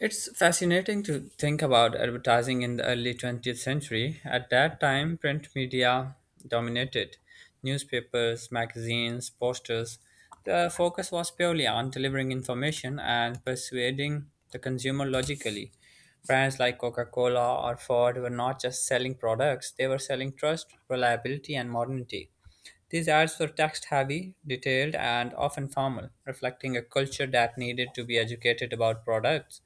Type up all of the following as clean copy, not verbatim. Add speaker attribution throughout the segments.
Speaker 1: It's fascinating to think about advertising in the early 20th century. At that time, print media dominated newspapers, magazines, posters. The focus was purely on delivering information and persuading the consumer logically. Brands like Coca Cola or Ford were not just selling products, they were selling trust, reliability, and modernity. These ads were text heavy, detailed, and often formal, reflecting a culture that needed to be educated about products.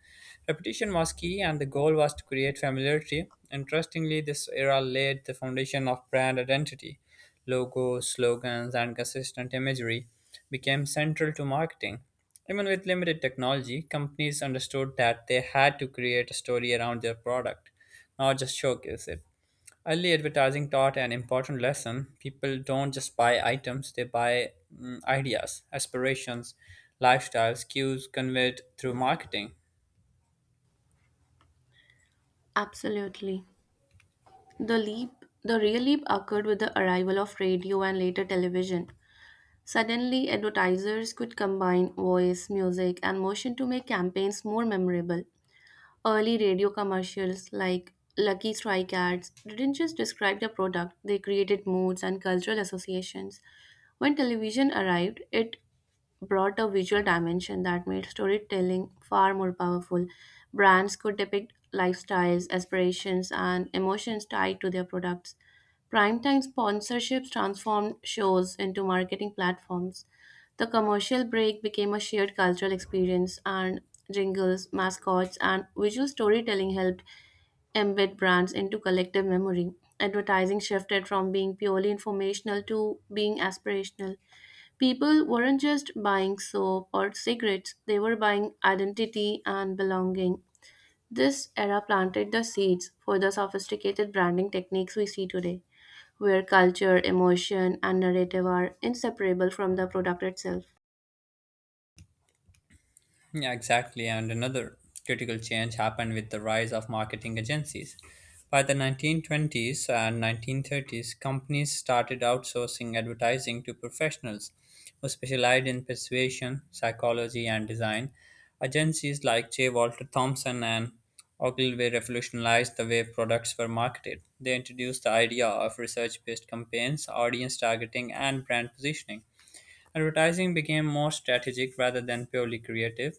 Speaker 1: Repetition was key, and the goal was to create familiarity. Interestingly, this era laid the foundation of brand identity. Logos, slogans, and consistent imagery became central to marketing. Even with limited technology, companies understood that they had to create a story around their product, not just showcase it. Early advertising taught an important lesson. People don't just buy items, they buy ideas, aspirations, lifestyles, cues conveyed through marketing.
Speaker 2: Absolutely. The leap, the real leap occurred with the arrival of radio and later television. Suddenly, advertisers could combine voice, music, and motion to make campaigns more memorable. Early radio commercials like Lucky Strike ads didn't just describe the product, they created moods and cultural associations. When television arrived, it brought a visual dimension that made storytelling far more powerful. Brands could depict lifestyles, aspirations, and emotions tied to their products. Primetime sponsorships transformed shows into marketing platforms. The commercial break became a shared cultural experience, and jingles, mascots, and visual storytelling helped embed brands into collective memory. Advertising shifted from being purely informational to being aspirational. People weren't just buying soap or cigarettes, they were buying identity and belonging. This era planted the seeds for the sophisticated branding techniques we see today, where culture, emotion, and narrative are inseparable from the product itself.
Speaker 1: Yeah, exactly. And another critical change happened with the rise of marketing agencies. By the 1920s and 1930s, companies started outsourcing advertising to professionals who specialized in persuasion, psychology, and design. Agencies like J. Walter Thompson and Ogilvy revolutionized the way products were marketed. They introduced the idea of research based campaigns, audience targeting, and brand positioning. Advertising became more strategic rather than purely creative.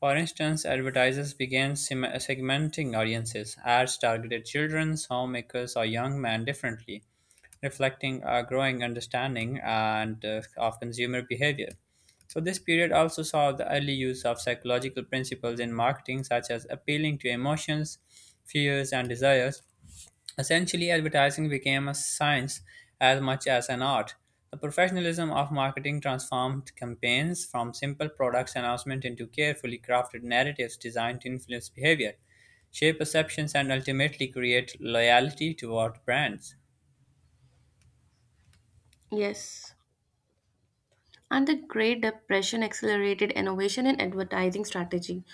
Speaker 1: For instance, advertisers began segmenting audiences. Ads targeted children, homemakers, or young men differently, reflecting a growing understanding and of consumer behavior. So this period also saw the early use of psychological principles in marketing, such as appealing to emotions, fears, and desires. Essentially, advertising became a science as much as an art. The professionalism of marketing transformed campaigns from simple product announcement into carefully crafted narratives designed to influence behavior, shape perceptions, and ultimately create loyalty toward brands.
Speaker 2: Yes. And the Great Depression accelerated innovation in advertising strategy.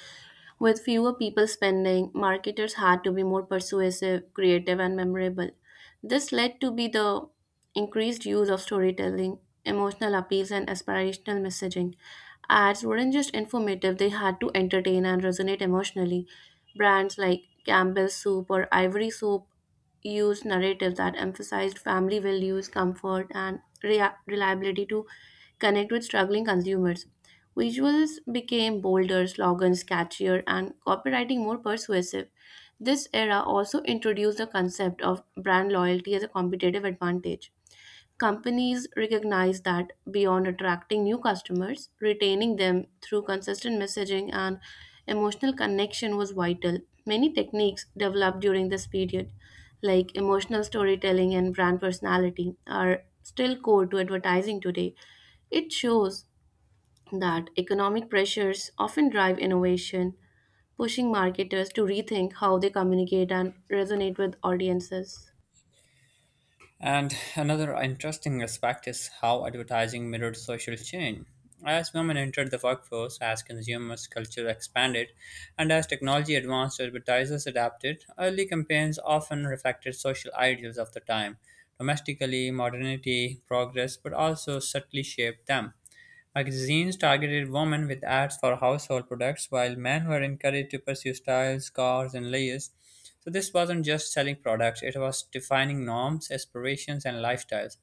Speaker 2: With fewer people spending, marketers had to be more persuasive, creative, and memorable. This led to be the increased use of storytelling, emotional appeals, and aspirational messaging. Ads weren't just informative, they had to entertain and resonate emotionally. Brands like Campbell's Soup or Ivory Soap used narratives that emphasized family values, comfort, and reliability to connect with struggling consumers. Visuals became bolder, slogans catchier, and copywriting more persuasive. This era also introduced the concept of brand loyalty as a competitive advantage. Companies recognized that beyond attracting new customers, retaining them through consistent messaging and emotional connection was vital. Many techniques developed during this period, like emotional storytelling and brand personality, are still core to advertising today. It shows that economic pressures often drive innovation, pushing marketers to rethink how they communicate and resonate with audiences.
Speaker 1: And another interesting aspect is how advertising mirrored social change. As women entered the workforce, as consumers' culture expanded, and as technology advanced, advertisers adapted. Early campaigns often reflected social ideals of the time domestically, modernity, progress, but also subtly shaped them. Magazines targeted women with ads for household products, while men were encouraged to pursue styles, cars, and layers. So, this wasn't just selling products, it was defining norms, aspirations, and lifestyles.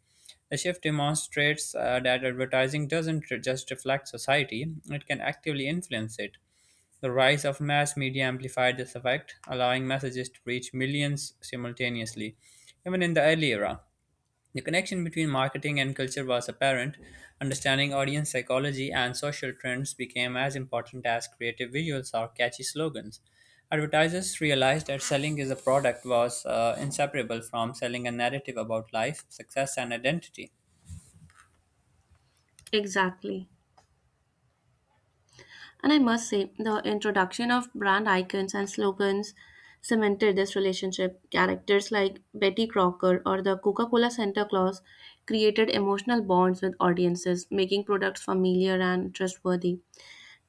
Speaker 1: The shift demonstrates that advertising doesn't just reflect society, it can actively influence it. The rise of mass media amplified this effect, allowing messages to reach millions simultaneously, even in the early era. The connection between marketing and culture was apparent. Understanding audience psychology and social trends became as important as creative visuals or catchy slogans. Advertisers realized that selling is a product was inseparable from selling a narrative about life, success, and identity.
Speaker 2: Exactly. And I must say, the introduction of brand icons and slogans cemented this relationship. Characters like Betty Crocker or the Coca Cola Santa Claus created emotional bonds with audiences, making products familiar and trustworthy.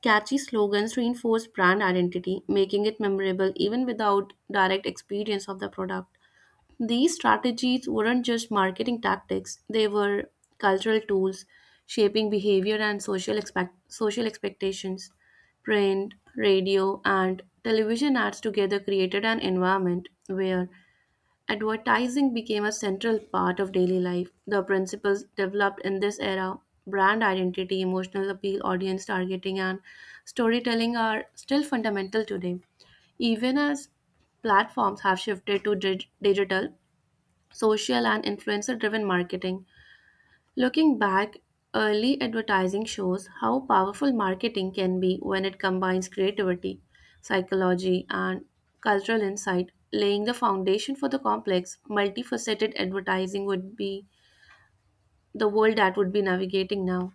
Speaker 2: Catchy slogans reinforce brand identity, making it memorable even without direct experience of the product. These strategies weren't just marketing tactics, they were cultural tools shaping behavior and social expectations. Print, radio, and television ads together created an environment where advertising became a central part of daily life. The principles developed in this era brand identity, emotional appeal, audience targeting, and storytelling are still fundamental today. Even as platforms have shifted to digital, social and influencer driven marketing. Looking back, early advertising shows how powerful marketing can be when it combines creativity, psychology, and cultural insight. Laying the foundation for the complex, multifaceted advertising would be the world that would be navigating now.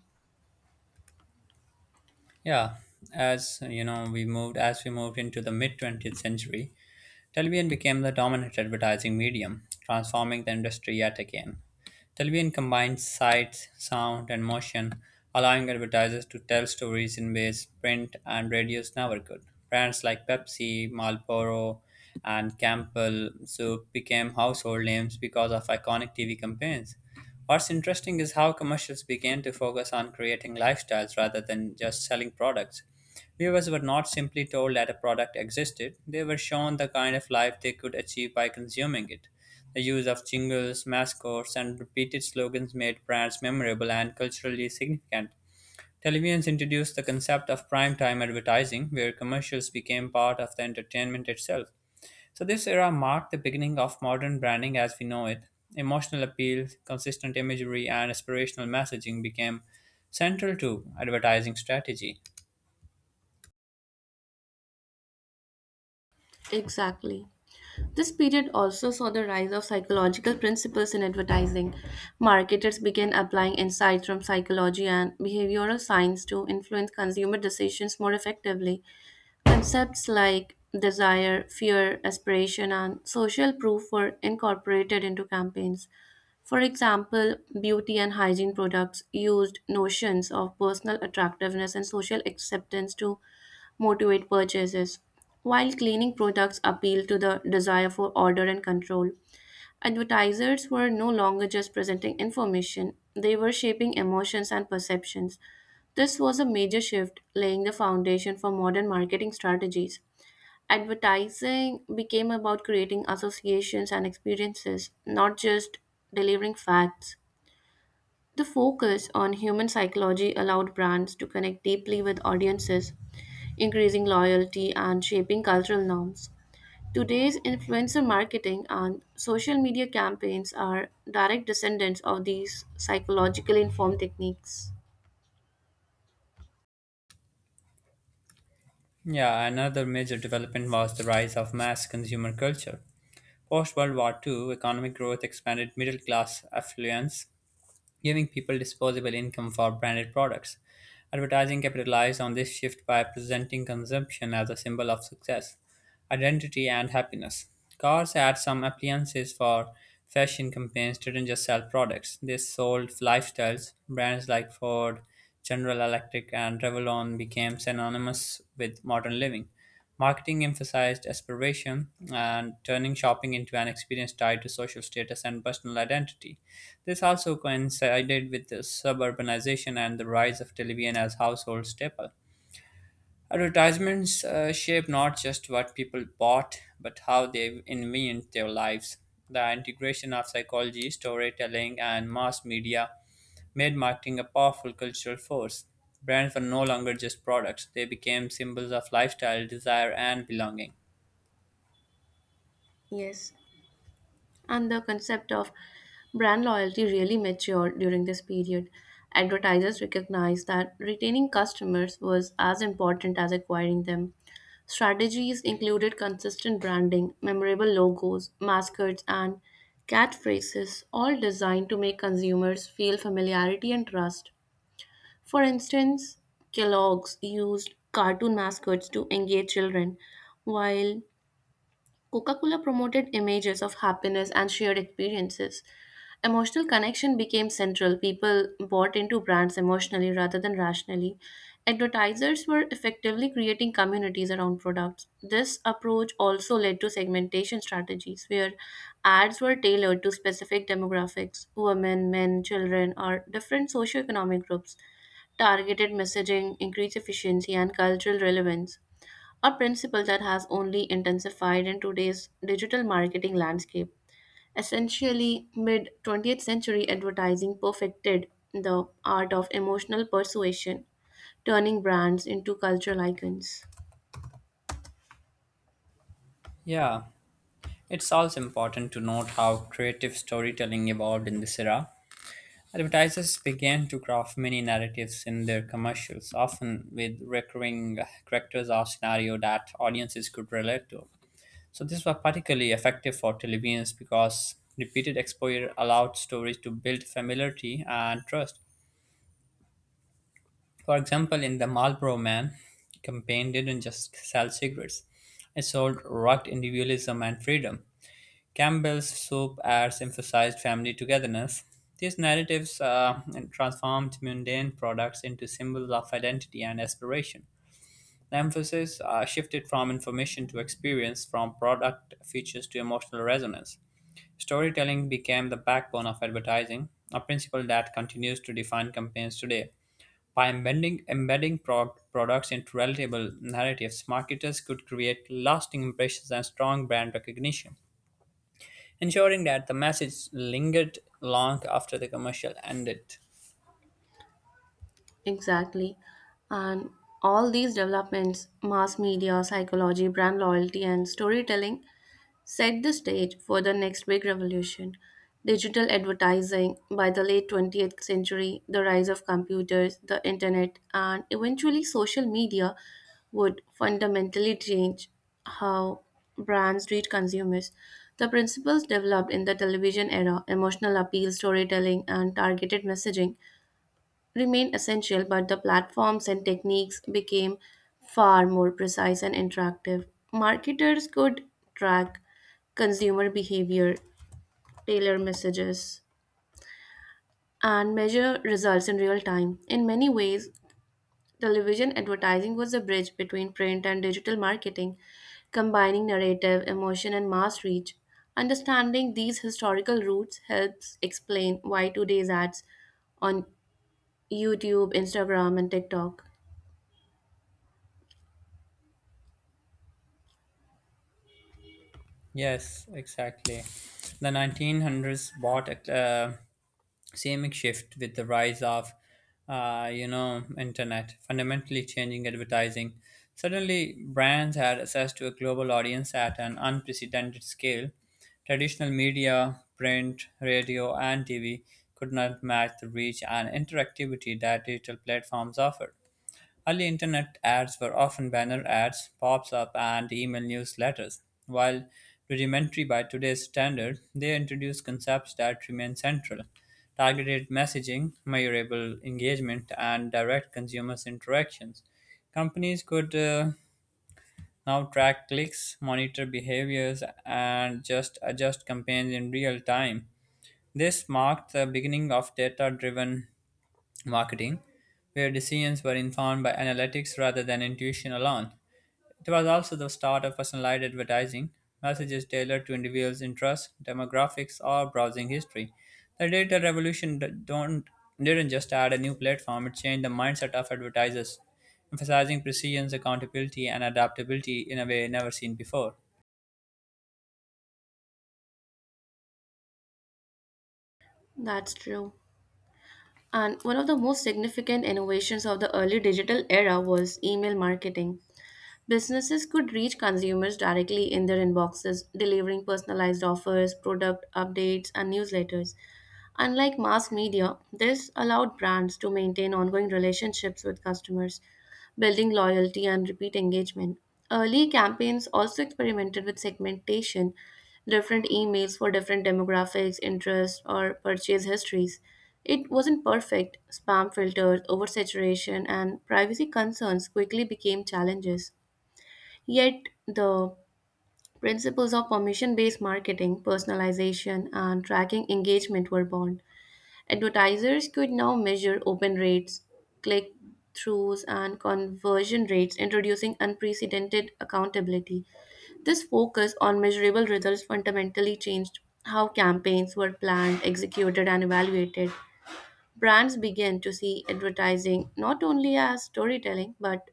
Speaker 1: Yeah, as you know, we moved into the mid 20th century. Television became the dominant advertising medium, transforming the industry yet again. Television combines sight, sound, and motion, allowing advertisers to tell stories in ways print and radios never could. Brands like Pepsi, Marlboro, and Campbell Soup became household names because of iconic TV campaigns. What's interesting is how commercials began to focus on creating lifestyles rather than just selling products. Viewers were not simply told that a product existed, they were shown the kind of life they could achieve by consuming it. The use of jingles, mascots, and repeated slogans made brands memorable and culturally significant. Televisions introduced the concept of primetime advertising, where commercials became part of the entertainment itself. So, this era marked the beginning of modern branding as we know it. Emotional appeal, consistent imagery, and aspirational messaging became central to advertising strategy.
Speaker 2: Exactly. This period also saw the rise of psychological principles in advertising. Marketers began applying insights from psychology and behavioral science to influence consumer decisions more effectively. Concepts like desire, fear, aspiration, and social proof were incorporated into campaigns. For example, beauty and hygiene products used notions of personal attractiveness and social acceptance to motivate purchases. While cleaning products appeal to the desire for order and control, advertisers were no longer just presenting information, they were shaping emotions and perceptions. This was a major shift, laying the foundation for modern marketing strategies. Advertising became about creating associations and experiences, not just delivering facts. The focus on human psychology allowed brands to connect deeply with audiences, increasing loyalty and shaping cultural norms. Today's influencer marketing and social media campaigns are direct descendants of these psychologically informed techniques.
Speaker 1: Yeah, another major development was the rise of mass consumer culture. Post World War II, economic growth expanded middle class affluence giving people disposable income for branded products. Advertising capitalized on this shift by presenting consumption as a symbol of success, identity, and happiness. Cars had some appliances for fashion campaigns didn't just sell products, they sold lifestyles. Brands like Ford, General Electric, and Revlon became synonymous with modern living. Marketing emphasized aspiration and turning shopping into an experience tied to social status and personal identity. This also coincided with the suburbanization and the rise of television as household staple. Advertisements shape not just what people bought, but how they invent their lives. The integration of psychology, storytelling, and mass media made marketing a powerful cultural force. Brands were no longer just products, they became symbols of lifestyle, desire, and belonging.
Speaker 2: Yes, and the concept of brand loyalty really matured during this period. Advertisers recognized that retaining customers was as important as acquiring them. Strategies included consistent branding, memorable logos, mascots, and catchphrases, all designed to make consumers feel familiarity and trust. For instance, Kellogg's used cartoon mascots to engage children, while Coca Cola promoted images of happiness and shared experiences. Emotional connection became central. People bought into brands emotionally rather than rationally. Advertisers were effectively creating communities around products. This approach also led to segmentation strategies where ads were tailored to specific demographics women, men, children, or different socioeconomic groups. Targeted messaging increased efficiency and cultural relevance, a principle that has only intensified in today's digital marketing landscape. Essentially, mid 20th century advertising perfected the art of emotional persuasion, turning brands into cultural icons.
Speaker 1: Yeah, it's also important to note how creative storytelling evolved in this era. Advertisers began to craft many narratives in their commercials, often with recurring characters or scenario that audiences could relate to. So this was particularly effective for televisions because repeated exposure allowed stories to build familiarity and trust. For example, in the Marlboro Man campaign didn't just sell cigarettes; it sold rugged individualism and freedom. Campbell's soup ads emphasized family togetherness. These narratives transformed mundane products into symbols of identity and aspiration. The emphasis shifted from information to experience, from product features to emotional resonance. Storytelling became the backbone of advertising, a principle that continues to define campaigns today. By embedding products into relatable narratives, marketers could create lasting impressions and strong brand recognition ensuring that the message lingered long after the commercial ended.
Speaker 2: Exactly. And all these developments mass media, psychology, brand loyalty, and storytelling set the stage for the next big revolution digital advertising. By the late 20th century, the rise of computers, the internet, and eventually social media would fundamentally change how brands treat consumers. The principles developed in the television era emotional appeal, storytelling, and targeted messaging remained essential, but the platforms and techniques became far more precise and interactive. Marketers could track consumer behavior, tailor messages, and measure results in real time. In many ways, television advertising was a bridge between print and digital marketing, combining narrative, emotion, and mass reach. Understanding these historical roots helps explain why today's ads on YouTube, Instagram, and TikTok.
Speaker 1: Yes, exactly. The 1900s brought a seismic shift with the rise of internet, fundamentally changing advertising. Suddenly, brands had access to a global audience at an unprecedented scale. Traditional media, print, radio, and TV could not match the reach and interactivity that digital platforms offered. Early internet ads were often banner ads, pops up, and email newsletters. While rudimentary by today's standard, they introduced concepts that remain central targeted messaging, measurable engagement, and direct consumers' interactions. Companies could now track clicks, monitor behaviors, and just adjust campaigns in real time. This marked the beginning of data driven marketing, where decisions were informed by analytics rather than intuition alone. It was also the start of personalized advertising, messages tailored to individuals' interests, demographics, or browsing history. The data revolution d- don't, didn't just add a new platform, it changed the mindset of advertisers, emphasizing precision, accountability, and adaptability in a way never seen before.
Speaker 2: That's true. And one of the most significant innovations of the early digital era was email marketing. Businesses could reach consumers directly in their inboxes, delivering personalized offers, product updates, and newsletters. Unlike mass media, this allowed brands to maintain ongoing relationships with customers, building loyalty and repeat engagement. Early campaigns also experimented with segmentation, different emails for different demographics, interests, or purchase histories. It wasn't perfect. Spam filters, oversaturation, and privacy concerns quickly became challenges. Yet, the principles of permission based marketing, personalization, and tracking engagement were born. Advertisers could now measure open rates, click throughs, and conversion rates, introducing unprecedented accountability. This focus on measurable results fundamentally changed how campaigns were planned, executed, and evaluated. Brands began to see advertising not only as storytelling but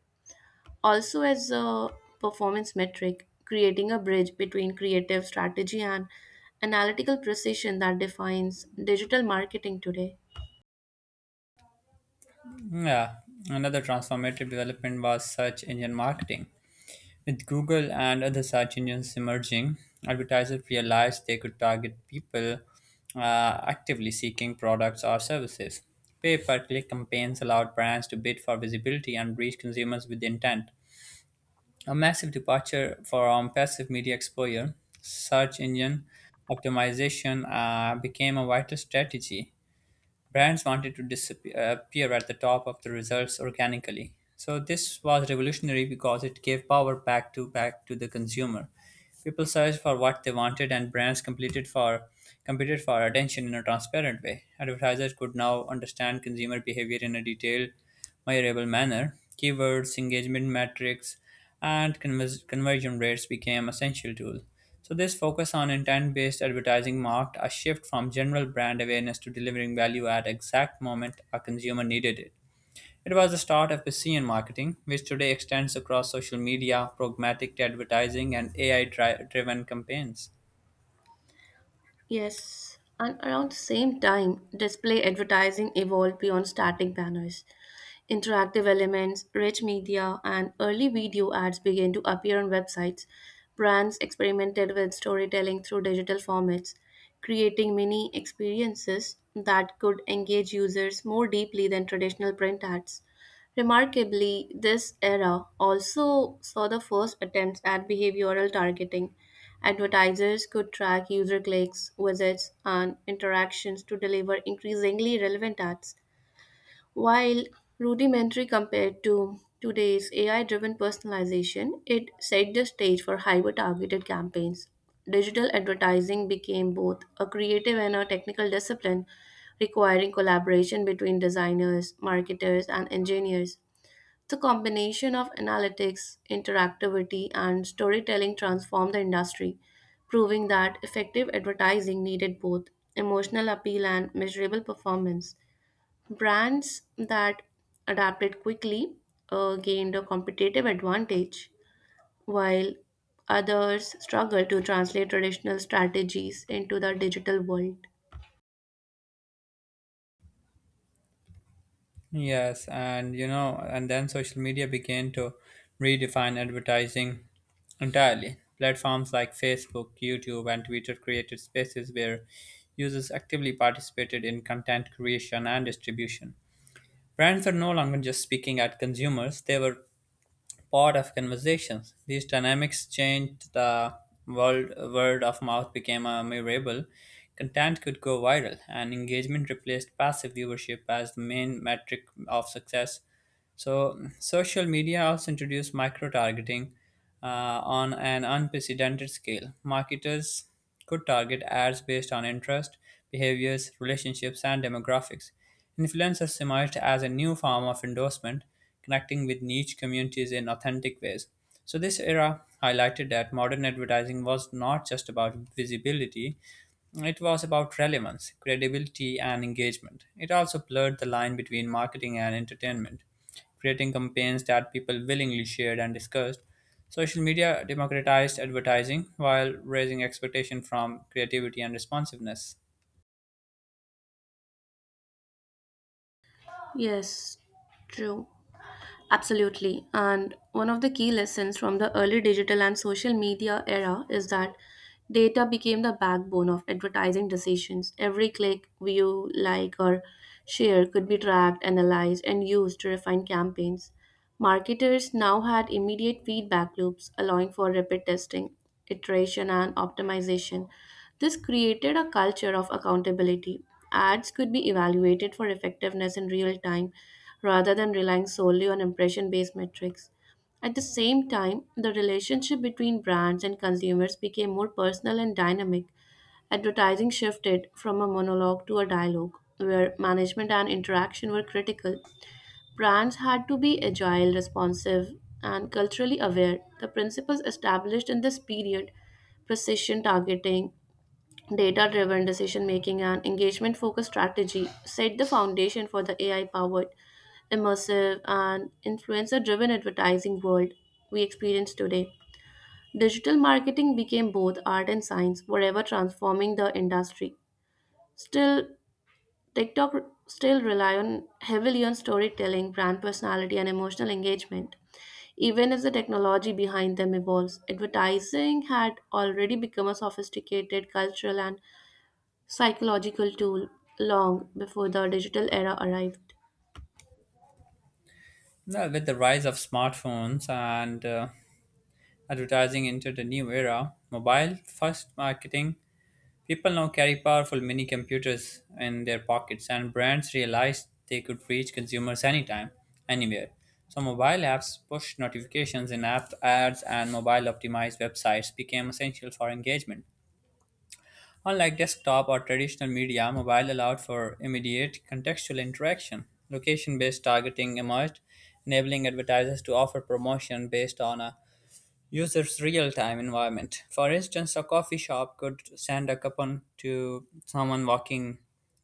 Speaker 2: also as a performance metric, creating a bridge between creative strategy and analytical precision that defines digital marketing today.
Speaker 1: Yeah, another transformative development was search engine marketing. With Google and other search engines emerging, advertisers realized they could target people actively seeking products or services. Pay per click campaigns allowed brands to bid for visibility and reach consumers with intent. A massive departure from passive media exposure, search engine optimization became a vital strategy. Brands wanted to appear at the top of the results organically. So this was revolutionary because it gave power back to the consumer. People searched for what they wanted, and brands competed for attention in a transparent way. Advertisers could now understand consumer behavior in a detailed measurable manner. Keywords, engagement metrics, and conversion rates became essential tools. So, this focus on intent based advertising marked a shift from general brand awareness to delivering value at exact moment a consumer needed it. It was the start of Piscean marketing, which today extends across social media, programmatic advertising, and AI driven campaigns.
Speaker 2: Yes, and around the same time, display advertising evolved beyond static banners. Interactive elements, rich media, and early video ads began to appear on websites. Brands experimented with storytelling through digital formats, creating mini experiences that could engage users more deeply than traditional print ads. Remarkably, this era also saw the first attempts at behavioral targeting. Advertisers could track user clicks, visits, and interactions to deliver increasingly relevant ads. While rudimentary compared to today's AI driven personalization, it set the stage for hyper targeted campaigns. Digital advertising became both a creative and a technical discipline, requiring collaboration between designers, marketers, and engineers. The combination of analytics, interactivity, and storytelling transformed the industry, proving that effective advertising needed both emotional appeal and measurable performance. Brands that adapted quickly gained a competitive advantage, while others struggled to translate traditional strategies into the digital world.
Speaker 1: Yes, and then social media began to redefine advertising entirely. Platforms like Facebook, YouTube, and Twitter created spaces where users actively participated in content creation and distribution. Brands were no longer just speaking at consumers, they were part of conversations. These dynamics changed the world word of mouth became a memorable. Content could go viral, and engagement replaced passive viewership as the main metric of success. So, social media also introduced micro targeting uh, on an unprecedented scale. Marketers could target ads based on interest, behaviors, relationships, and demographics. Influencers emerged as a new form of endorsement, connecting with niche communities in authentic ways. So, this era highlighted that modern advertising was not just about visibility, it was about relevance, credibility, and engagement. It also blurred the line between marketing and entertainment, creating campaigns that people willingly shared and discussed. Social media democratized advertising while raising expectation from creativity and responsiveness.
Speaker 2: Yes, true. Absolutely. And one of the key lessons from the early digital and social media era is that data became the backbone of advertising decisions. Every click, view, like, or share could be tracked, analyzed, and used to refine campaigns. Marketers now had immediate feedback loops, allowing for rapid testing, iteration, and optimization. This created a culture of accountability. Ads could be evaluated for effectiveness in real time rather than relying solely on impression based metrics. At the same time, the relationship between brands and consumers became more personal and dynamic. Advertising shifted from a monologue to a dialogue, where management and interaction were critical. Brands had to be agile, responsive, and culturally aware. The principles established in this period precision targeting, data driven decision making, and engagement focused strategy set the foundation for the AI powered, immersive, and influencer driven advertising world we experience today. Digital marketing became both art and science, forever transforming the industry. Still, TikTok still rely on heavily on storytelling, brand personality, and emotional engagement. Even if the technology behind them evolves, advertising had already become a sophisticated cultural and psychological tool long before the digital era arrived.
Speaker 1: Well, with the rise of smartphones and advertising into the new era, mobile first marketing, people now carry powerful mini computers in their pockets, and brands realized they could reach consumers anytime, anywhere. So, mobile apps, push notifications in app ads, and mobile optimized websites became essential for engagement. Unlike desktop or traditional media, mobile allowed for immediate contextual interaction. Location based targeting emerged, enabling advertisers to offer promotion based on a user's real time environment. For instance, a coffee shop could send a coupon to someone walking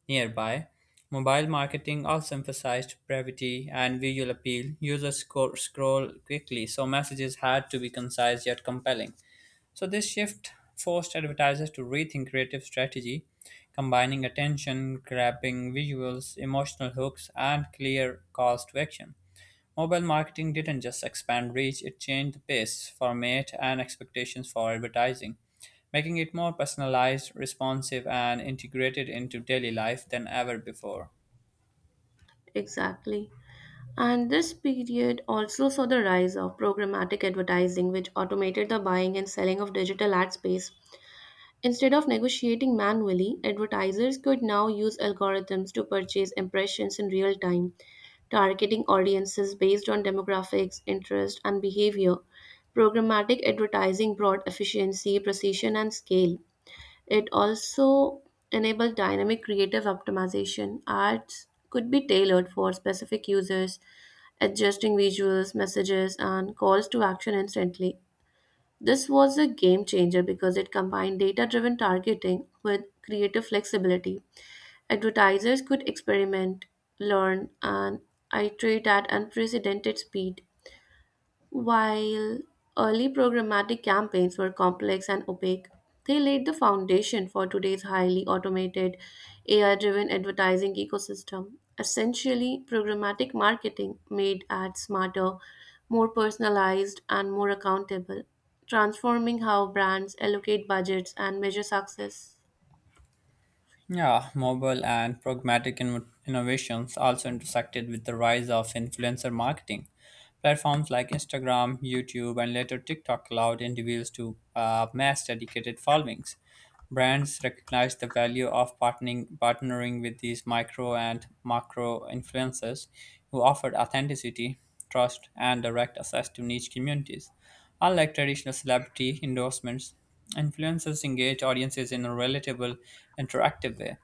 Speaker 1: nearby. Mobile marketing also emphasized brevity and visual appeal. Users scroll quickly, so messages had to be concise yet compelling. So, this shift forced advertisers to rethink creative strategy, combining attention, grabbing visuals, emotional hooks, and clear calls to action. Mobile marketing didn't just expand reach, it changed the pace, format, and expectations for advertising, making it more personalized, responsive, and integrated into daily life than ever before.
Speaker 2: Exactly. And this period also saw the rise of programmatic advertising, which automated the buying and selling of digital ad space. Instead of negotiating manually, advertisers could now use algorithms to purchase impressions in real time, targeting audiences based on demographics, interest, and behavior. Programmatic advertising brought efficiency, precision, and scale. It also enabled dynamic creative optimization. Ads could be tailored for specific users, adjusting visuals, messages, and calls to action instantly. This was a game changer because it combined data driven targeting with creative flexibility. Advertisers could experiment, learn, and iterate at unprecedented speed. While early programmatic campaigns were complex and opaque, they laid the foundation for today's highly automated, AI driven advertising ecosystem. Essentially, programmatic marketing made ads smarter, more personalized, and more accountable, transforming how brands allocate budgets and measure success.
Speaker 1: Yeah, mobile and programmatic innovations also intersected with the rise of influencer marketing. Platforms like Instagram, YouTube, and later TikTok allowed individuals to mass dedicated followings. Brands recognized the value of partnering with these micro and macro influencers who offered authenticity trust, and direct access to niche communities. Unlike traditional celebrity endorsements, influencers engage audiences in a relatable, interactive way.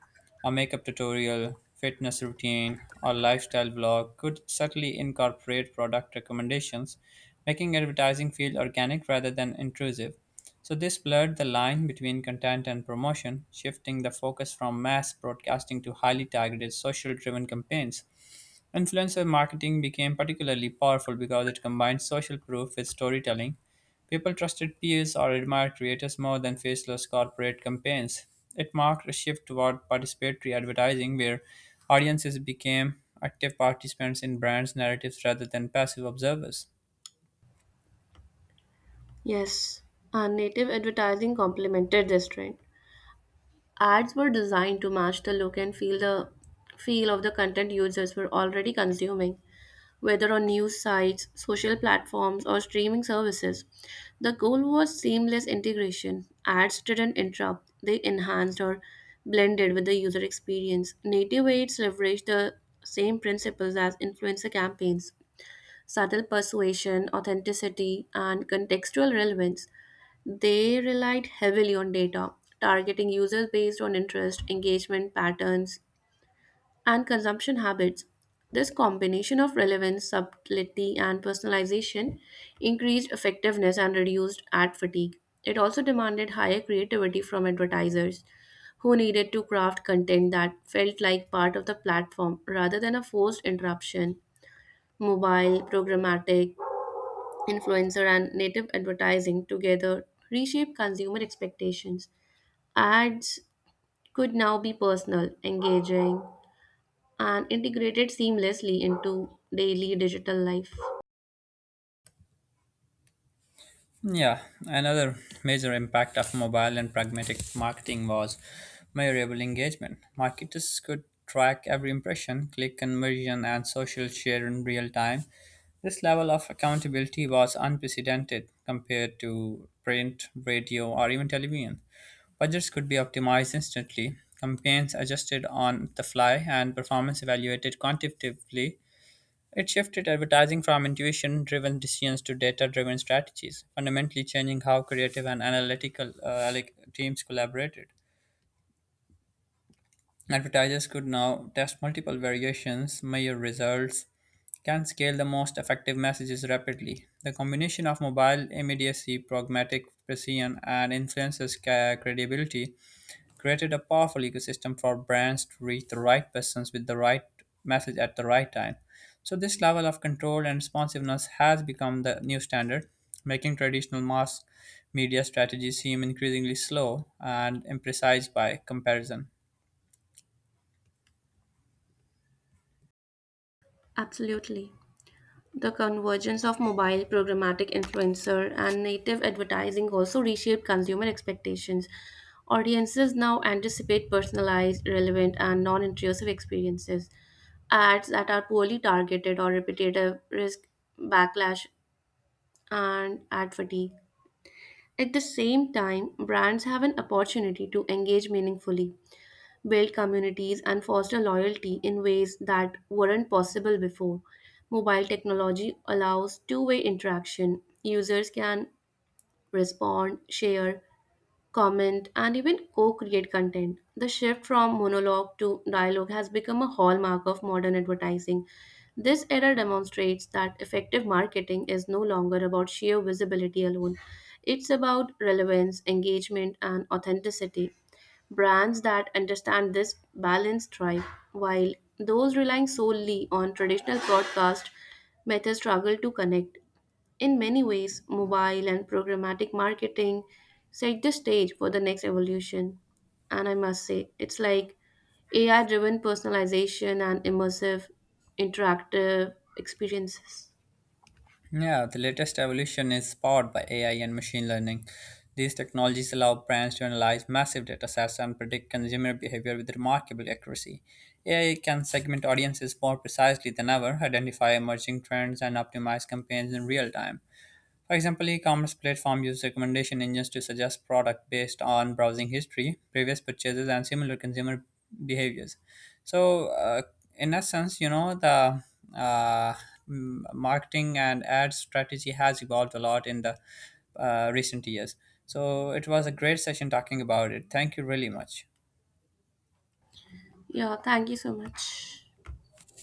Speaker 1: A makeup tutorial, fitness routine, or lifestyle blog could subtly incorporate product recommendations, making advertising feel organic rather than intrusive. So, this blurred the line between content and promotion, shifting the focus from mass broadcasting to highly targeted social driven campaigns. Influencer marketing became particularly powerful because it combined social proof with storytelling. People trusted peers or admired creators more than faceless corporate campaigns. It marked a shift toward participatory advertising where audiences became active participants in brands' narratives rather than passive observers.
Speaker 2: Yes, and native advertising complemented this trend. Ads were designed to match the look and feel of the content users were already consuming, whether on news sites, social platforms, or streaming services. The goal was seamless integration. Ads didn't interrupt, they enhanced or blended with the user experience. Native ads leveraged the same principles as influencer campaigns subtle persuasion, authenticity, and contextual relevance. They relied heavily on data, targeting users based on interest, engagement patterns, and consumption habits. This combination of relevance, subtlety, and personalization increased effectiveness and reduced ad fatigue. It also demanded higher creativity from advertisers who needed to craft content that felt like part of the platform rather than a forced interruption. Mobile, programmatic, influencer and native advertising together reshape consumer expectations. Ads could now be personal, engaging, and integrated seamlessly into daily digital life.
Speaker 1: Yeah, another major impact of mobile and pragmatic marketing was measurable engagement. Marketers could track every impression, click conversion, and social share in real time. This level of accountability was unprecedented compared to print, radio, or even television. Budgets could be optimized instantly, campaigns adjusted on the fly, and performance evaluated quantitatively it shifted advertising from intuition driven decisions to data driven strategies, fundamentally changing how creative and analytical like teams collaborated. Advertisers could now test multiple variations, measure results, can scale the most effective messages rapidly. The combination of mobile immediacy, pragmatic precision, and influencers' credibility created a powerful ecosystem for brands to reach the right persons with the right message at the right time. So, this level of control and responsiveness has become the new standard, making traditional mass media strategies seem increasingly slow and imprecise by comparison.
Speaker 2: Absolutely. The convergence of mobile programmatic influencer and native advertising also reshape consumer expectations. Audiences now anticipate personalized, relevant, and non intrusive experiences. Ads that are poorly targeted or repetitive risk backlash and ad fatigue. At the same time, brands have an opportunity to engage meaningfully, build communities, and foster loyalty in ways that weren't possible before. Mobile technology allows two-way interaction. Users can respond, share, comment, and even co create content. The shift from monologue to dialogue has become a hallmark of modern advertising. This era demonstrates that effective marketing is no longer about sheer visibility alone, it's about relevance, engagement, and authenticity. Brands that understand this balance thrive, while those relying solely on traditional broadcast methods struggle to connect. In many ways, mobile and programmatic marketing set the stage for the next evolution. And I must say, it's like AI driven personalization and immersive interactive experiences.
Speaker 1: Yeah, the latest evolution is powered by AI and machine learning. These technologies allow brands to analyze massive data sets and predict consumer behavior with remarkable accuracy. AI can segment audiences more precisely than ever, identify emerging trends, and optimize campaigns in real time. For example, e-commerce platform use recommendation engines to suggest product based on browsing history, previous purchases, and similar consumer behaviors. So, in essence, the uh, marketing and ad strategy has evolved a lot in the recent years. So, it was a great session talking about it. Thank you really much.
Speaker 2: Yeah, thank you so much.